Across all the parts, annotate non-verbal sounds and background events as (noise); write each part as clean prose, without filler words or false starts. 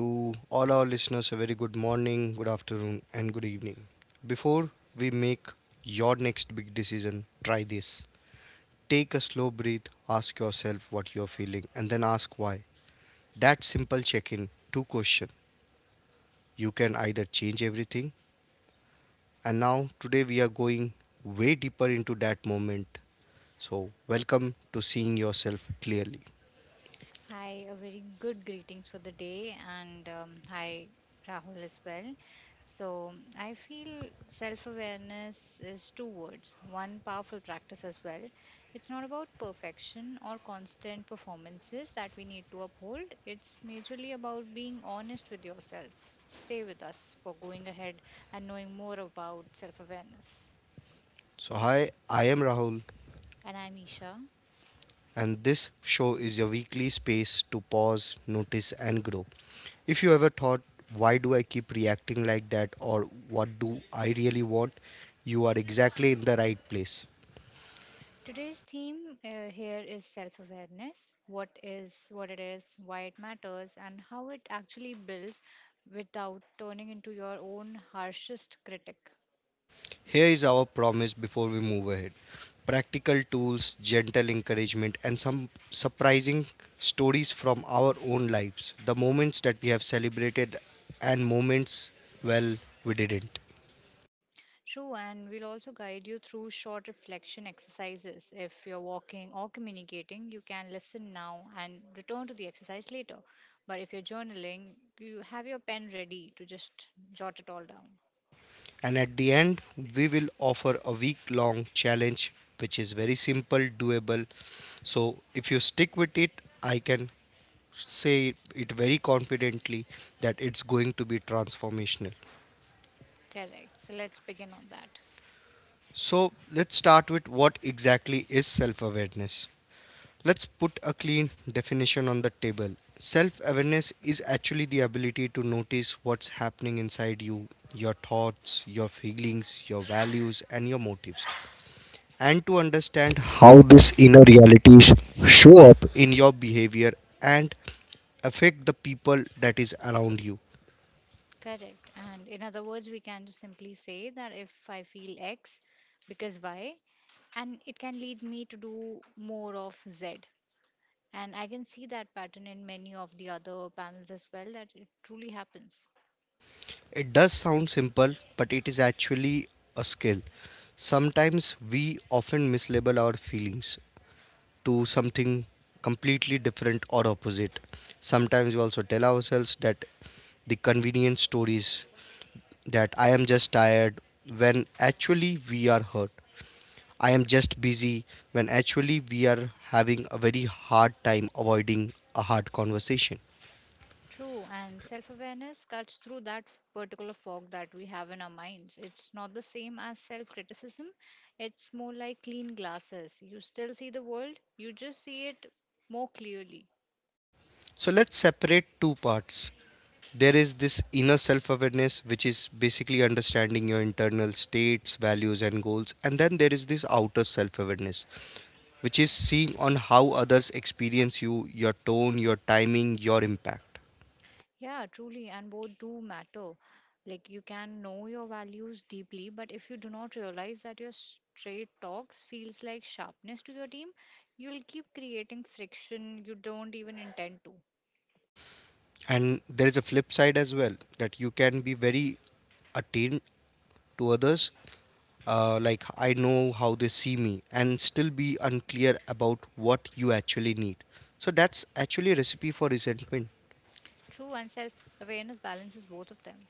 To all our listeners, a very good morning, good afternoon, and good evening. Before we make your next big decision, try this. Take a slow breath, ask yourself what you're feeling, and then ask why. That simple check in, two questions. You can either change everything, and now today we are going way deeper into that moment. So, welcome to seeing yourself clearly. Hi, a very good greetings for the day, and hi, Rahul, as well. So, I feel self awareness is two words, one powerful practice as well. It's not about perfection or constant performances that we need to uphold, it's majorly about being honest with yourself. Stay with us for going ahead and knowing more about self awareness. So, hi, I am Rahul, And I'm Isha. and this show is your weekly space to pause, notice, and grow. If you ever thought, why do I keep reacting like that, or what do I really want, you are exactly in the right place. Today's theme here is self-awareness. What it is, why it matters, and how it actually builds without turning into your own harshest critic. Here is our promise before we move ahead practical tools, gentle encouragement, and some surprising stories from our own lives. The moments that we have celebrated, and moments, well, we didn't. True, and we'll also guide you through short reflection exercises. If you're walking or communicating, you can listen now and return to the exercise later. But if you're journaling, you have your pen ready to just jot it all down. And at the end, we will offer a week long challenge which is very simple, doable. So, if you stick with it, I can say it very confidently that it's going to be transformational. Correct. So let's begin on that. So, let's start with what exactly is self awareness. Let's put a clean definition on the table. Self awareness is actually the ability to notice what's happening inside you, your thoughts, your feelings, your values, and your motives. And to understand how these inner realities show up in your behavior and affect the people that is around you. Correct. And in other words, we can just simply say that if I feel X because Y, and it can lead me to do more of Z. And I can see that pattern in many of the other panels as well, that it truly happens. It does sound simple, but it is actually a skill. Sometimes we often mislabel our feelings to something completely different or opposite. Sometimes we also tell ourselves that the convenient stories that I am just tired when actually we are hurt. I am just busy when actually we are having a very hard time avoiding a hard conversation. True. And self awareness cuts through that particular fog that we have in our minds. It's not the same as self criticism, it's more like clean glasses. You still see the world, you just see it more clearly. So let's separate two parts. There is this inner self awareness, which is basically understanding your internal states, values, and goals. And then there is this outer self awareness, which is seeing on how others experience you, your tone, your timing, your impact. Yeah, truly, and both do matter. Like you can know your values deeply, but if you do not realize that your straight talks feels like sharpness to your team, you'll keep creating friction you don't even intend to. And there is a flip side as well that you can be very attuned to others. Like I know how they see me and still be unclear about what you actually need. So that's actually a recipe for resentment. True and self-awareness balances both of them.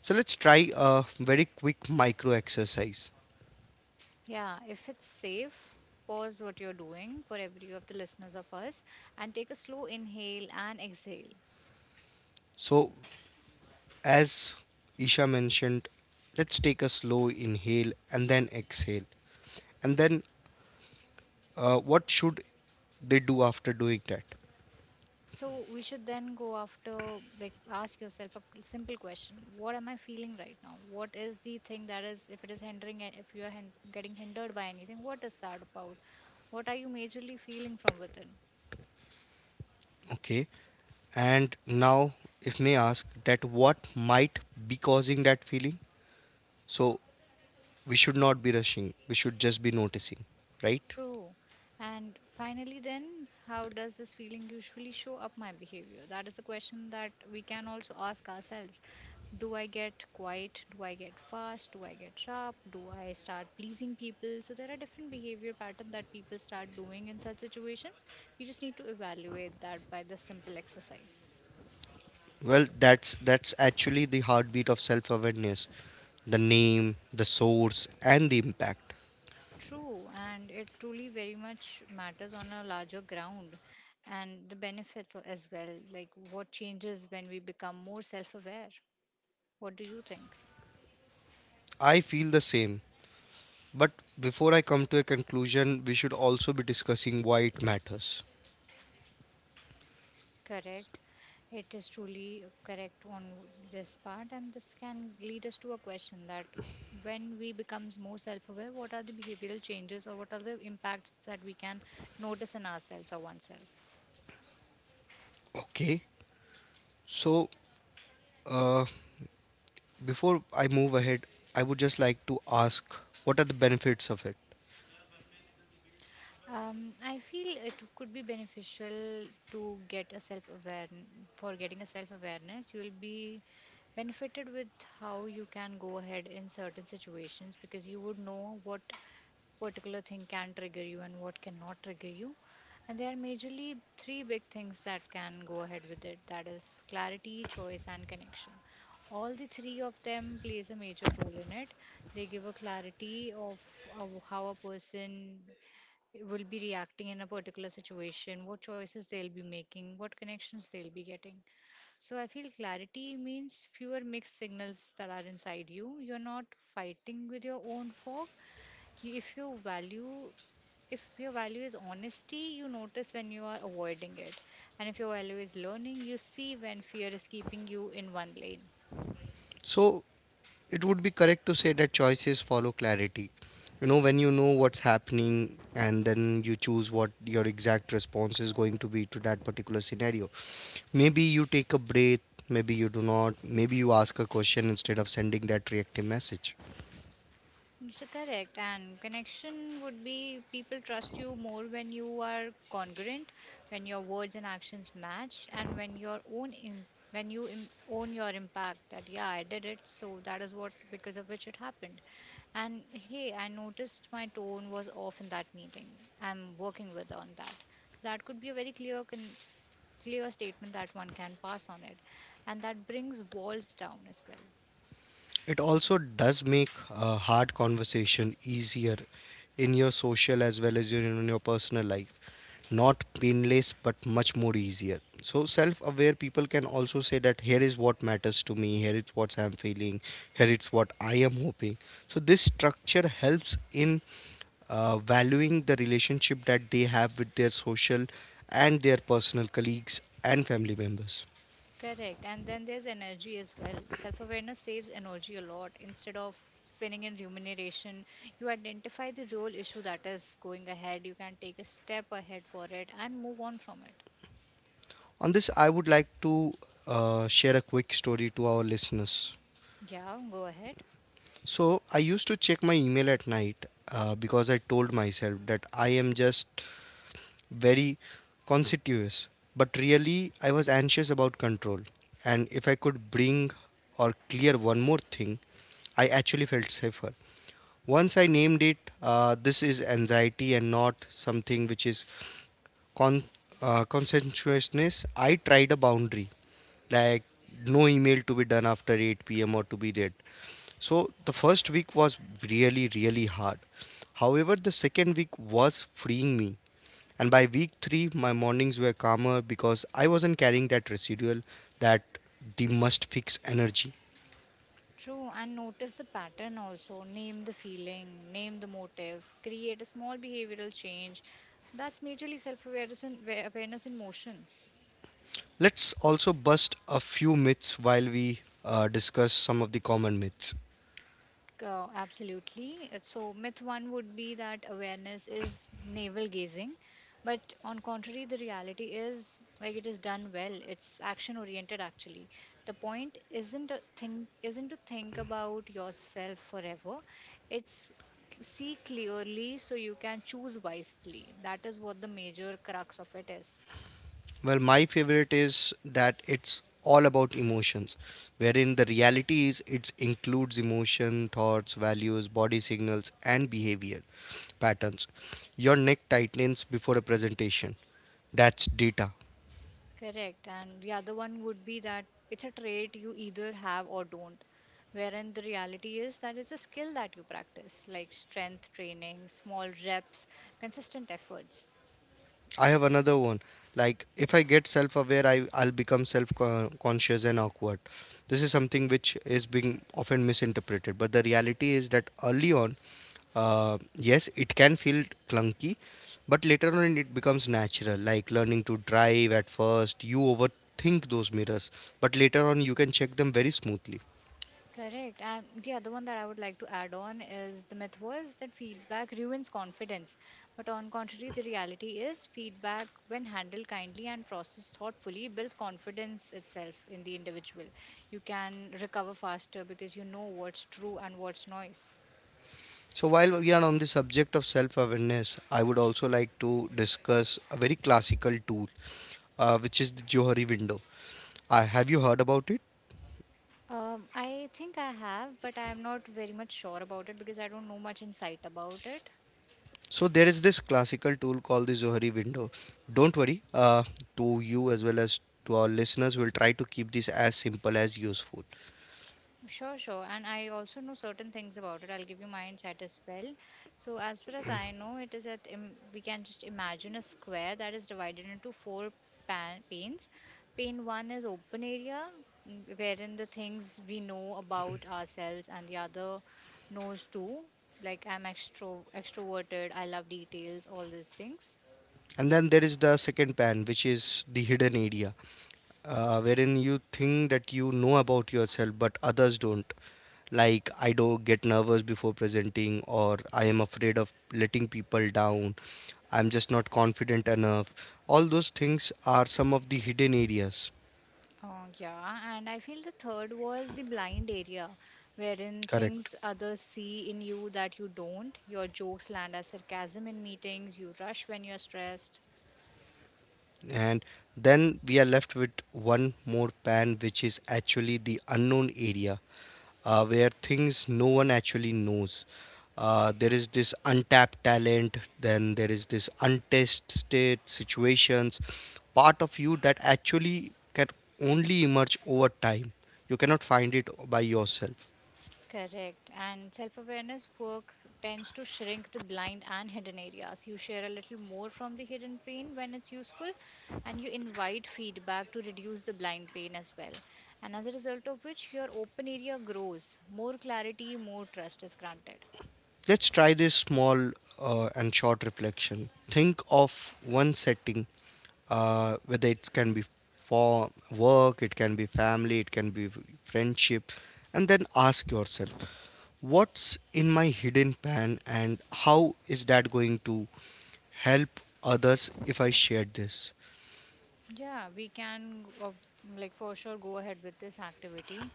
So let's try a very quick micro exercise. Yeah, if it's safe, pause what you're doing for every of the listeners of us and take a slow inhale and exhale. So as Isha mentioned, let's take a slow inhale and then exhale. And then what should they do after doing that? So we should then go after, like, ask yourself a simple question. What am I feeling right now? What is the thing that is, if it is hindering, if you are getting hindered by anything, what is that about? What are you majorly feeling from within? Okay. And now if may ask that what might be causing that feeling? So we should not be rushing, we should just be noticing, right? True. And finally, then, how does this feeling usually show up my behavior? That is the question that we can also ask ourselves. Do I get quiet? Do I get fast? Do I get sharp? Do I start pleasing people? So there are different behavior patterns that people start doing in such situations. We just need to evaluate that by the simple exercise. Well, that's actually the heartbeat of self awareness, the name, the source, and the impact. True, and it truly very much matters on a larger ground and the benefits as well, like what changes when we become more self aware. What do you think? I feel the same, but before I come to a conclusion we should also be discussing why it matters. Correct. It is truly correct on this part, and this can lead us to a question that when we becomes more self-aware, what are the behavioral changes or what are the impacts that we can notice in ourselves or oneself? Okay, so uh, before I move ahead I would just like to ask what are the benefits of it. I feel it could be beneficial to get a self aware for getting a self awareness. You will be benefited with how you can go ahead in certain situations because you would know what particular thing can trigger you and what cannot trigger you. And there are majorly three big things that can go ahead with it that is clarity, choice, and connection. All the three of them plays a major role in it. They give a clarity of how a person will be reacting in a particular situation, what choices they'll be making, what connections they'll be getting. So I feel clarity means fewer mixed signals that are inside you. You're not fighting with your own fog. If your value is honesty, you notice when you are avoiding it. And if your value is learning, you see when fear is keeping you in one lane. So it would be correct to say that choices follow clarity. You know, when you know what's happening and then you choose what your exact response is going to be to that particular scenario. Maybe you take a breath, maybe you do not, maybe you ask a question instead of sending that reactive message. So correct. And connection would be people trust you more when you are congruent, when your words and actions match, and when your own Im- when you Im- own your impact. That yeah, I did it. So that is what because of which it happened. And hey, I noticed my tone was off in that meeting. I'm working with on that. So that could be a very clear clear statement that one can pass on it, and that brings walls down as well. It also does make a hard conversation easier in your social as well as in your personal life. Not painless but much more easier. So self-aware people can also say that here is what matters to me, here is what I'm feeling, here is what I am hoping. So this structure helps in valuing the relationship that they have with their social and their personal colleagues and family members. Correct. And then there's energy as well. Self awareness saves energy a lot. Instead of spinning in rumination, you identify the real issue that is going ahead. You can take a step ahead for it and move on from it. On this I would like to share a quick story to our listeners. Yeah, go ahead. So I used to check my email at night because I told myself that I am just very conspicuous. But really, I was anxious about control. And if I could bring or clear one more thing, I actually felt safer. Once I named it, this is anxiety and not something which is con- consensuousness, I tried a boundary like no email to be done after 8 p.m. or to be read. So the first week was really, really hard. However, the second week was freeing me. And by week three, my mornings were calmer because I wasn't carrying that residual, that the must fix energy. True. And notice the pattern also. Name the feeling, name the motive, create a small behavioral change. That's majorly self awareness in motion. Let's also bust a few myths while we discuss some of the common myths. Absolutely. So myth one would be that awareness is navel gazing, but on contrary, the reality is like it is done well. It's action oriented actually. The point isn't to think about yourself forever. It's see clearly so you can choose wisely. That is what the major crux of it is. Well, my favorite is that it's all about emotions, wherein the reality is it includes emotion, thoughts, values, body signals, and behavior patterns. Your neck tightens before a presentation. That's data. Correct. And the other one would be that it's a trait you either have or don't. Wherein the reality is that it's a skill that you practice, like strength training, small reps, consistent efforts. I have another one. Like if I get self-aware, I'll become self-conscious and awkward. This is something which is being often misinterpreted, but the reality is that early on, yes, it can feel clunky, but later on it becomes natural. Like learning to drive at first, you overthink those mirrors, but later on you can check them very smoothly. Correct. And the other one that I would like to add on is the myth was that feedback ruins confidence. But on contrary, the reality is feedback, when handled kindly and processed thoughtfully, builds confidence itself in the individual. You can recover faster because you know what's true and what's noise. So, while we are on the subject of self awareness, I would also like to discuss a very classical tool, which is the Johari window. Have you heard about it? I think I have, but I am not very much sure about it because I don't know much insight about it. So, there is this classical tool called the Johari window. Don't worry, to you as well as to our listeners, we'll try to keep this as simple as useful. Sure, sure. And I also know certain things about it. I'll give you my insight as well. So, as far as I know, it is that we can just imagine a square that is divided into four panes. Pane one is open area, mm, wherein the things we know about ourselves, and the other knows too. Like I'm extroverted, I love details, all these things. And then there is the second pan, which is the hidden area. Wherein you think that you know about yourself but others don't, like I don't get nervous before presenting or I am afraid of letting people down, I'm just not confident enough. All those things are some of the hidden areas. Yeah, and I feel the third was the blind area, wherein Correct, things others see in you that you don't. Your jokes land as sarcasm in meetings, you rush when you're stressed. and then we are left with one more pan which is actually the unknown area, where things no one actually knows. There is this untapped talent, then there is this untested situations, part of you that actually can only emerge over time. You cannot find it by yourself. Correct. And self awareness work tends to shrink the blind and hidden areas. You share a little more from the hidden pain when it's useful, and you invite feedback to reduce the blind pain as well. And as a result of which, your open area grows, more clarity, more trust is granted. Let's try this small and short reflection. Think of one setting, whether it can be for work, it can be family, it can be friendship, and then ask yourself, what's in my hidden pan and how is that going to help others if I share this? Yeah, we can, like, for sure go ahead with this activity.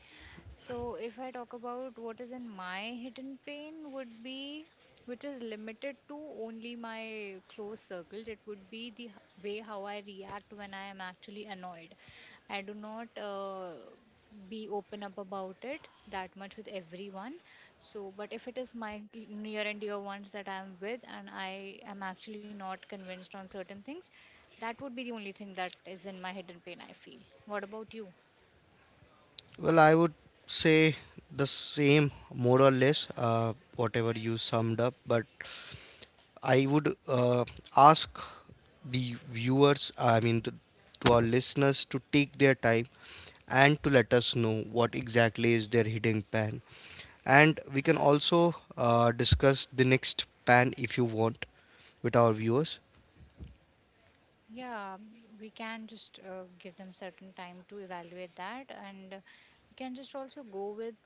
So, if I talk about what is in my hidden pain, would be which is limited to only my close circles, it would be the way how I react when I am actually annoyed. I do not be open up about it that much with everyone. So, but if it is my near and dear ones that I am with and I am actually not convinced on certain things, that would be the only thing that is in my hidden pain, I feel. What about you? Well, I would say the same, more or less, whatever you summed up, but I would ask the viewers, I mean, to our listeners, to take their time and to let us know what exactly is their hidden pan. And we can also discuss the next pan if you want with our viewers. Yeah, we can just give them certain time to evaluate that, and we can just also go with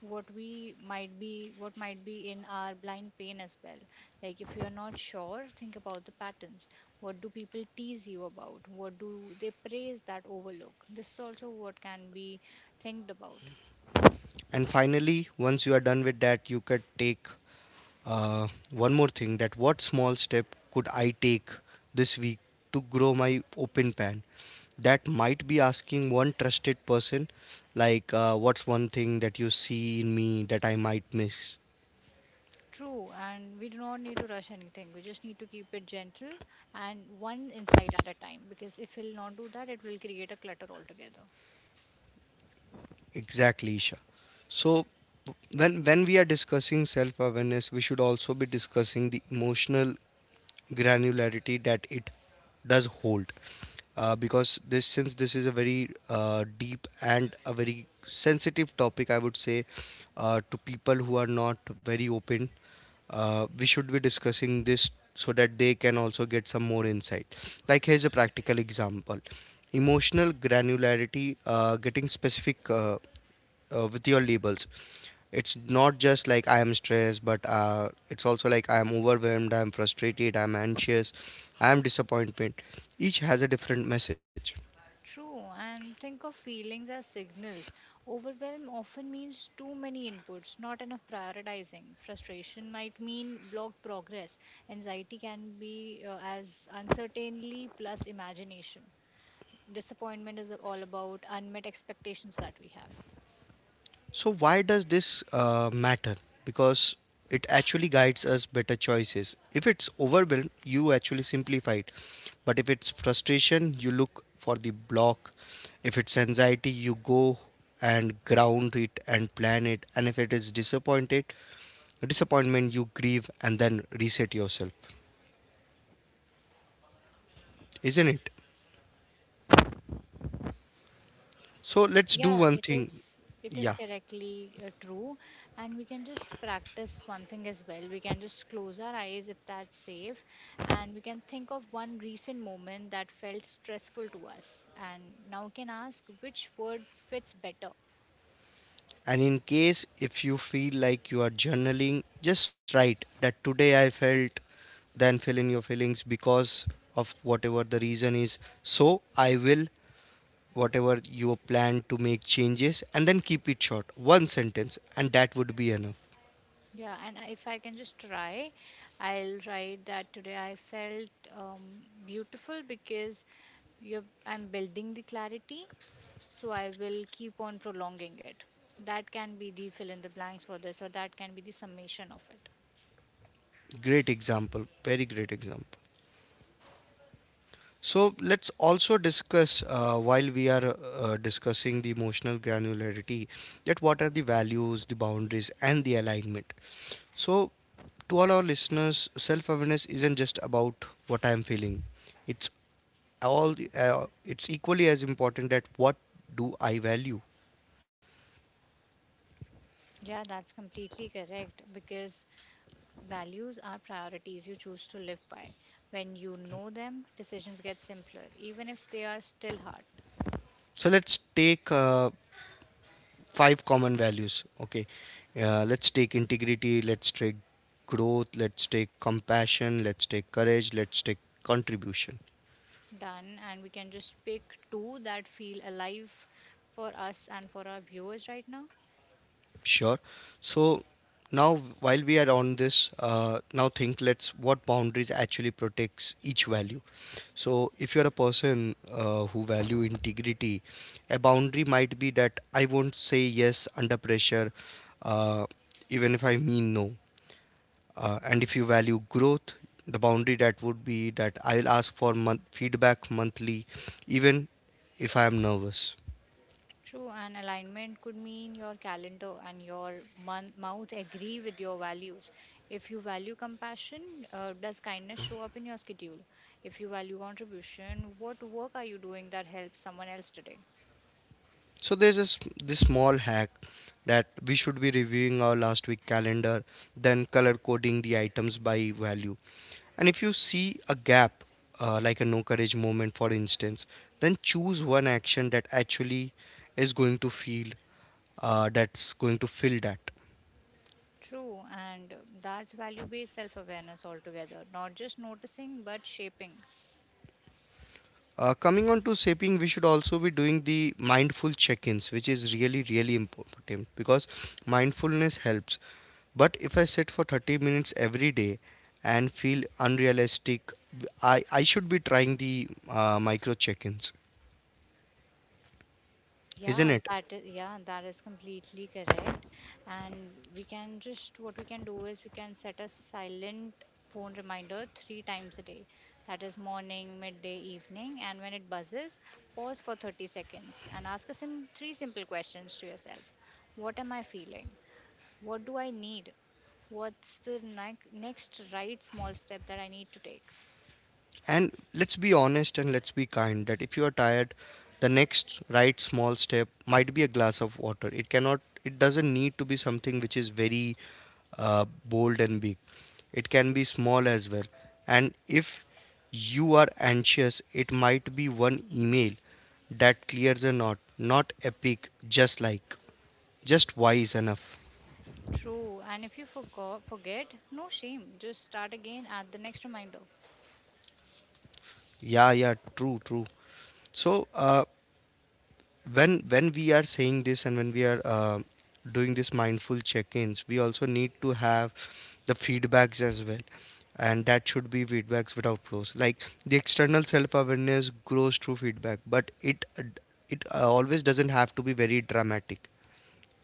what we might be, what might be in our blind pain as well. Like if you are not sure, think about the patterns. What do people tease you about? What do they praise that overlook? This is also what can be thinked about. And finally, once you are done with that, you could take one more thing that what small step could I take this week to grow my open pan? That might be asking one trusted person, like, what's one thing that you see in me that I might miss? True, and we do not need to rush anything. We just need to keep it gentle and one insight at a time because if we'll not do that, it will create a clutter altogether. Exactly, Isha. So, when we are discussing self awareness, we should also be discussing the emotional granularity that it does hold, because this since this is a very deep and a very sensitive topic, I would say, to people who are not very open. We should be discussing this so that they can also get some more insight. Like here's a practical example. Emotional granularity, getting specific with your labels. It's not just like I am stressed but it's also like I am overwhelmed, I am frustrated, I am anxious, I am disappointed. Each has a different message. True, and think of feelings as signals. Overwhelm often means too many inputs, not enough prioritizing. Frustration might mean blocked progress. Anxiety can be as uncertainty plus imagination. Disappointment is all about unmet expectations that we have. So why does this matter? Because it actually guides us better choices. If it's overwhelm, you actually simplify it. But if it's frustration, you look for the block. If it's anxiety, you go and ground it and plan it. And if it is disappointment, you grieve and then reset yourself. Isn't it? So let's do Yeah, one it thing. is it is Yeah. correctly true, and we can just practice one thing as well. We can just close our eyes if that's safe and we can think of one recent moment that felt stressful to us, and now we can ask which word fits better. And in case if you feel like you are journaling, just write that today I felt, then fill in your feelings because of whatever the reason is. So I will, whatever you plan to make changes, and then keep it short. One sentence, and that would be enough. Yeah, and if I can just try, I'll write that today I felt beautiful because I'm building the clarity, so I will keep on prolonging it. That can be the fill in the blanks for this, or that can be the summation of it. Great example. Very great example. So let's also discuss, while we are discussing the emotional granularity, that what are the values, the boundaries, and the alignment. So, to all our listeners, self awareness isn't just about what I am feeling. It's all it's equally as important that what do I value. Yeah, that's completely correct because values are priorities you choose to live by. When you know them, decisions get simpler, even if they are still hard. So let's take five common values, okay. Let's take integrity, let's take growth, let's take compassion, let's take courage, let's take contribution. Done. And we can just pick two that feel alive for us and for our viewers right now. Sure. So now while we are on this, now think let's what boundaries actually protects each value. So if you're a person who value integrity, a boundary might be that I won't say yes under pressure, uh, even if I mean no. And if you value growth, the boundary that would be that I'll ask for month feedback monthly, even if I am nervous. True. And alignment could mean your calendar and your mouth agree with your values. If you value compassion, does kindness show up in your schedule? If you value contribution, what work are you doing that helps someone else today? So there's this small hack that we should be reviewing our last week calendar, then color coding the items by value. And if you see a gap, like a no courage moment, for instance, then choose one action that actually is going to feel that's going to fill that. True. And that's value based self awareness altogether. Not just noticing, but shaping. Coming on to saping, we should also be doing the mindful check-ins, which is really, really important because mindfulness helps. But if I sit for 30 minutes every day and feel unrealistic, I should be trying the micro check-ins, Yeah, isn't it? that is, yeah, that is completely correct. And we can just what we can do is we can set a silent phone reminder three times a day. That is morning, midday, evening, and when it buzzes, pause for 30 seconds and ask a sim three simple questions to yourself. What am I feeling? What do I need? What's the next right small step that I need to take? And let's be honest and let's be kind that if you are tired, the next right small step might be a glass of water. It cannot, it doesn't need to be something which is very bold and big. It can be small as well. And if you are anxious, it might be one email that clears a knot, not epic, just like, just wise enough. True. And if you forget, no shame. Just start again at the next reminder. Yeah, yeah, true, true. So, when we are saying this and when we are doing these mindful check-ins, we also need to have the feedbacks as well, and that should be feedbacks without flaws, like the external self-awareness grows through feedback, but it always doesn't have to be very dramatic.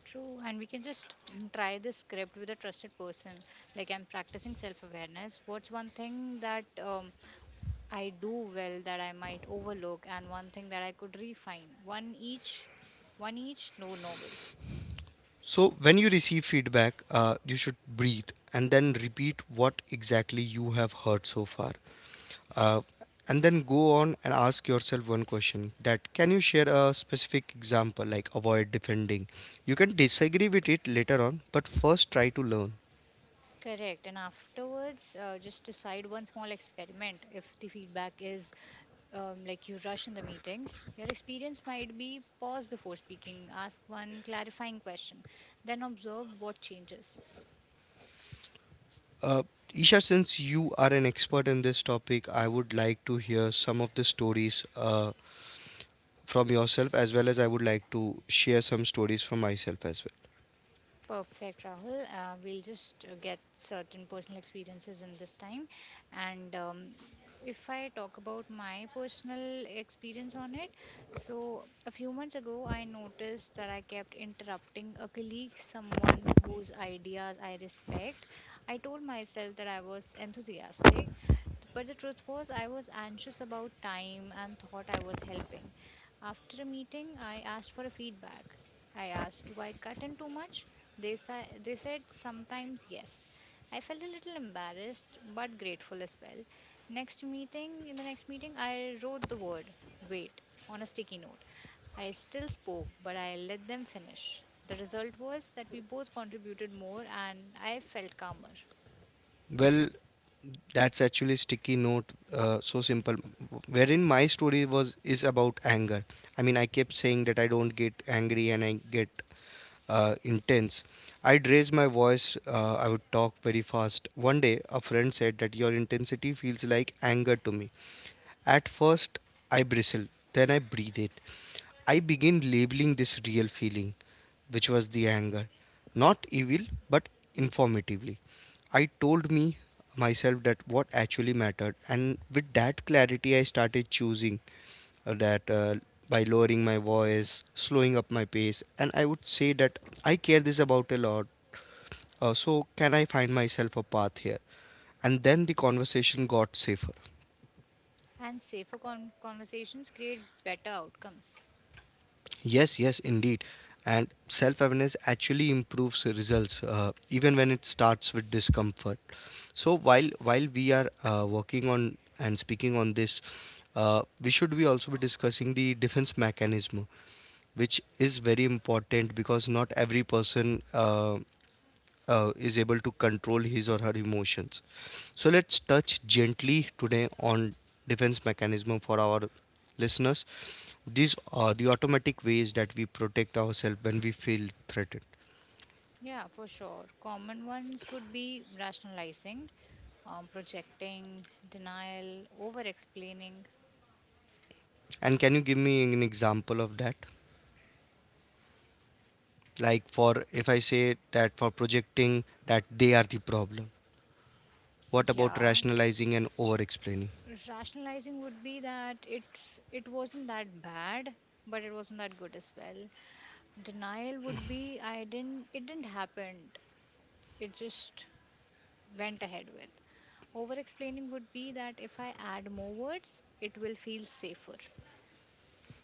True, and we can just (clears throat) try this script with a trusted person. Like, I'm practicing self-awareness. What's one thing that I do well that I might overlook, and one thing that I could refine? One each, no novels. So when you receive feedback, you should breathe and then repeat what exactly you have heard so far. uh, and then go on and ask yourself one question that can you share a specific example, like avoid defending. You can disagree with it later on, but first try to learn. Correct. And afterwards, just decide one small experiment. If the feedback is like you rush in the meetings, your experience might be pause before speaking, ask one clarifying question, then observe what changes. uh, Isha, since you are an expert in this topic, I would like to hear some of the stories from yourself, as well as I would like to share some stories from myself as Perfect, Rahul. We'll just get certain personal experiences in this time. And If I talk about my personal experience on it, so a few months ago, I noticed that I kept interrupting a colleague, someone whose ideas I respect. I told myself that I was enthusiastic, but the truth was, I was anxious about time and thought I was helping. After a meeting, I asked for a feedback. I asked, do I cut in too much? They said sometimes yes. I felt a little embarrassed but grateful as well. In the next meeting, I wrote the word wait on a sticky note. I still spoke, but I let them finish. The result was that we both contributed more and I felt calmer. well. Well, that's actually sticky note. So simple. Wherein my story was is about anger. I mean, I kept saying that I don't get angry and I get intense. I'd raise my voice. I would talk very fast. One day, a friend said that your intensity feels like anger to me. At first, I bristle, then I breathe it. I begin labeling this real feeling, which was the anger. Not evil, but informatively. I told me myself that what actually mattered, and with that clarity, I started choosing that by lowering my voice, slowing up my pace, and I would say that I care this about a lot. So can I find myself a path here? And then the conversation got safer. And safer conversations create better outcomes. Yes, yes, indeed. And self awareness actually improves results even when it starts with discomfort. So while we are working on and speaking on this, we should be also be discussing the defense mechanism, which is very important because not every person is able to control his or her emotions. So let's touch gently today on defense mechanism for our listeners. These are the automatic ways that we protect ourselves when we feel threatened. Yeah, for sure. Common ones would be rationalizing, projecting, denial, over explaining. And can you give me an example of that? Like for if I say that for projecting that they are the problem. What about Yeah, rationalizing and over explaining? rationalizing would be that it wasn't that bad but it wasn't that good as well. Denial would be I didn't it didn't happen, it just went ahead with. Over explaining would be that if I add more words it will feel safer.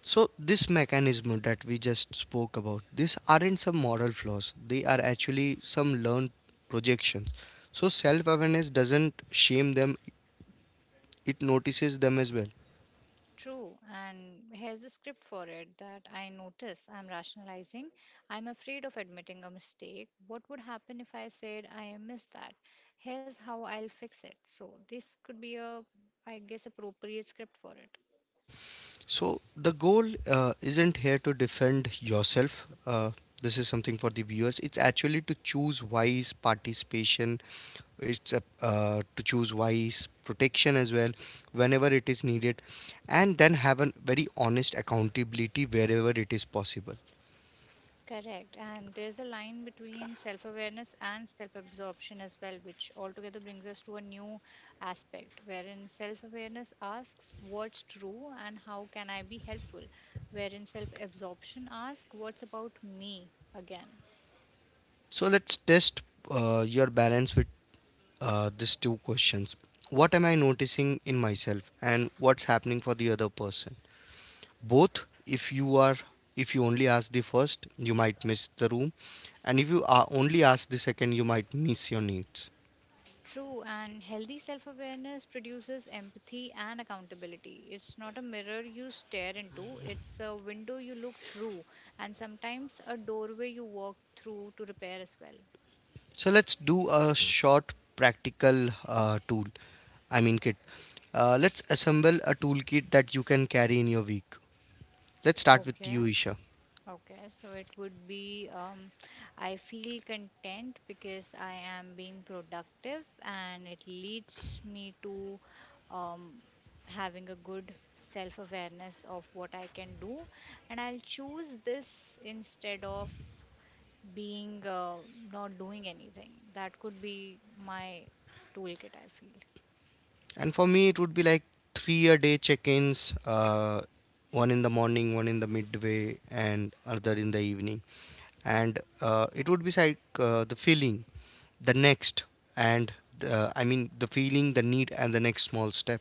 So this mechanism that we just spoke about, these aren't some moral flaws. They are actually some learned projections. So self-awareness doesn't shame them; it notices them as well. True, and here's the script for it, that I notice I'm rationalizing. I'm afraid of admitting a mistake. What would happen if I said I missed that? Here's how I'll fix it. So, this could be a, I guess, appropriate script for it. So the goal isn't here to defend yourself. This is something for the viewers. It's actually to choose wise participation. It's to choose wise protection as well, whenever it is needed, and then have a very honest accountability wherever it is possible. Correct. And there's a line between self awareness and self absorption as well, which altogether brings us to a new aspect wherein self awareness asks what's true and how can I be helpful, wherein self absorption asks what's about me again. So let's test your balance with these two questions. What am I noticing in myself, and what's happening for the other person? Both, if you are if you only ask the first, you might miss the room, and if you are only ask the second, you might miss your needs. True, and healthy self awareness produces empathy and accountability. It's not a mirror you stare into, it's a window you look through, and sometimes a doorway you walk through to repair as well. So let's do a short practical tool. I mean kit. Let's assemble a toolkit that you can carry in your week. Let's start with Okay. you, Isha. Okay, so it would be I feel content because I am being productive and it leads me to um, having a good self awareness of what I can do. And I'll choose this instead of being not doing anything. That could be my toolkit, I feel. And for me, it would be like three a day check ins, one in the morning, one in the midway, and another in the evening. And it would be like the feeling, the next, and I mean, the feeling, the need, and the next small step.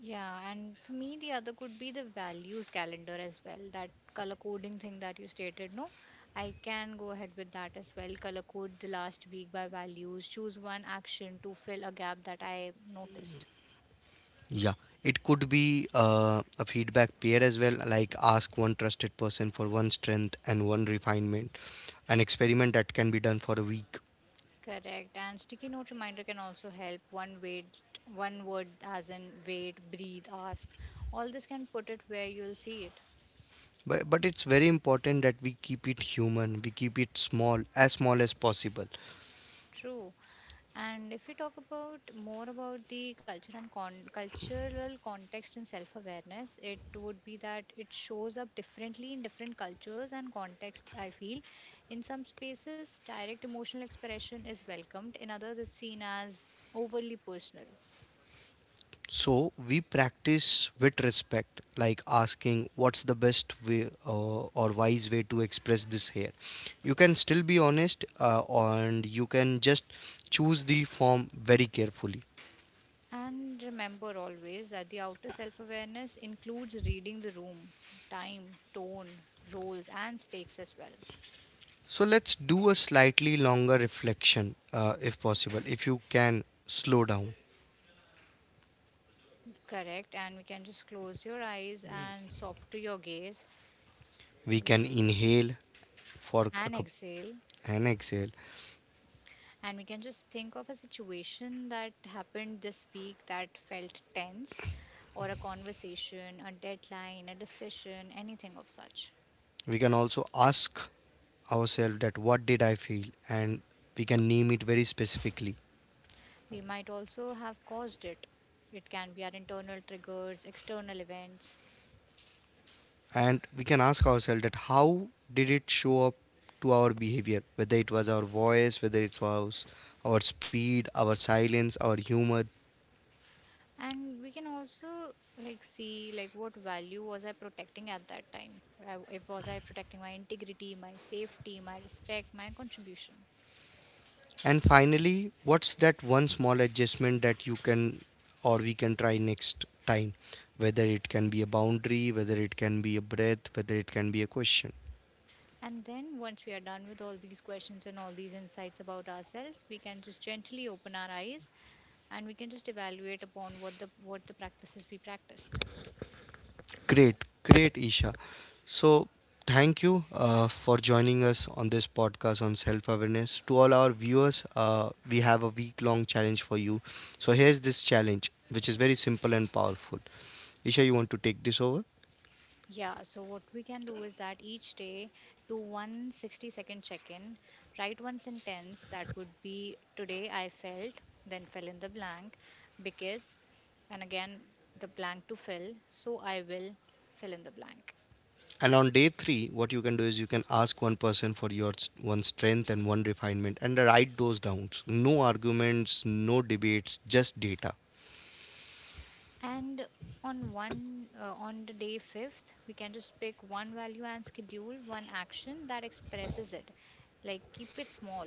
Yeah, and for me, the other could be the values calendar as well. That color coding thing that you stated, no? I can go ahead with that as well. Color code the last week by values. Choose one action to fill a gap that I noticed. Yeah, it could be a feedback peer as well, like ask one trusted person for one strength and one refinement, an experiment that can be done for a week. Correct. And sticky note reminder can also help. One wait, one word as in wait, breathe, ask. All this can put it where you'll see it. But it's very important that we keep it human, we keep it small as possible. True. And if we talk about more about the culture and cultural context and self-awareness, it would be that it shows up differently in different cultures and context. I feel, in some spaces, direct emotional expression is welcomed; in others, it's seen as overly personal. So we practice with respect, like asking what's the best way or wise way to express this here. You can still be honest and you can just choose the form very carefully. And remember always that the outer self-awareness includes reading the room, time, tone, roles, and stakes as well. So let's do a slightly longer reflection if possible. If you can slow down, Correct. And we can just close your eyes and soften your gaze we can inhale for a and cup exhale, and exhale. and we can just think of a situation that happened this week that felt tense, or a conversation, a deadline, a decision, anything of such. We can also ask ourselves that what did I feel, and we can name it very specifically. We might also have caused it. It can be our internal triggers, external events. And we can ask ourselves that how did it show up to our behavior, whether it was our voice, whether it was our speed, our silence, our humor. And we can also like see like what value was I protecting at that time. If was I protecting my integrity, my safety, my respect, my contribution. And finally, what's that one small adjustment that you can or we can try next time, whether it can be a boundary, whether it can be a breath, whether it can be a question. And then, once we are done with all these questions and all these insights about ourselves, we can just gently open our eyes and we can just evaluate upon what the practices we practiced. Great, great, Isha. So, thank you for joining us on this podcast on self awareness. To all our viewers, we have a week long challenge for you. So, here's this challenge, which is very simple and powerful. Isha, you want to take this over? Yeah, so what we can do is that each day do one 60-second check in, write one sentence that would be today I felt, then fill in the blank because, and again, the blank to fill, so I will fill in the blank. And on day 3, what you can do is you can ask one person for your one strength and one refinement and write those down. No arguments, no debates, just data. And on one on the day 5th, we can just pick one value and schedule one action that expresses it. Like keep it small.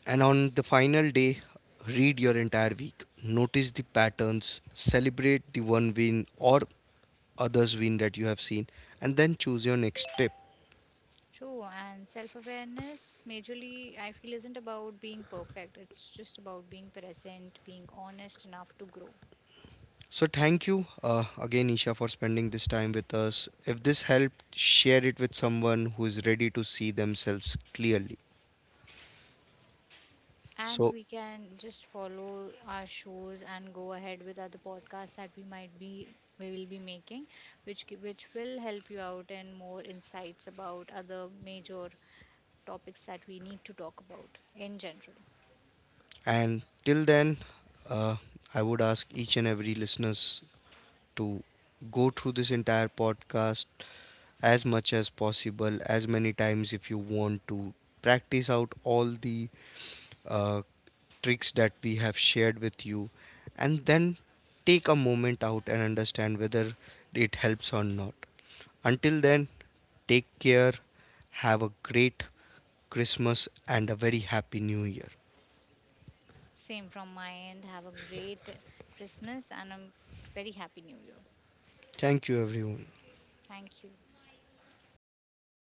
And on the final day, read your entire week. Notice the patterns, celebrate the one win or others win that you have seen, and then choose your next step. True. And self-awareness majorly I feel isn't about being perfect. It's just about being present, being honest enough to grow. So, thank you again, Isha, for spending this time with us. If this helped, share it with someone who is ready to see themselves clearly. So, And we can just follow our shows and go ahead with other podcasts that we will be making, which will help you out and more insights about other major topics that we need to talk about in general. and till then, uh, I would ask each and every listeners to go through this entire podcast, as much as possible, as many times if you want to. Practice out all the uh, tricks that we have shared with you, and then take a moment out and understand whether it helps or not. Until then, take care, have a great Christmas, and a very happy new year. Same from my end. Have a great Christmas and a very happy new year. Thank you, everyone. Thank you.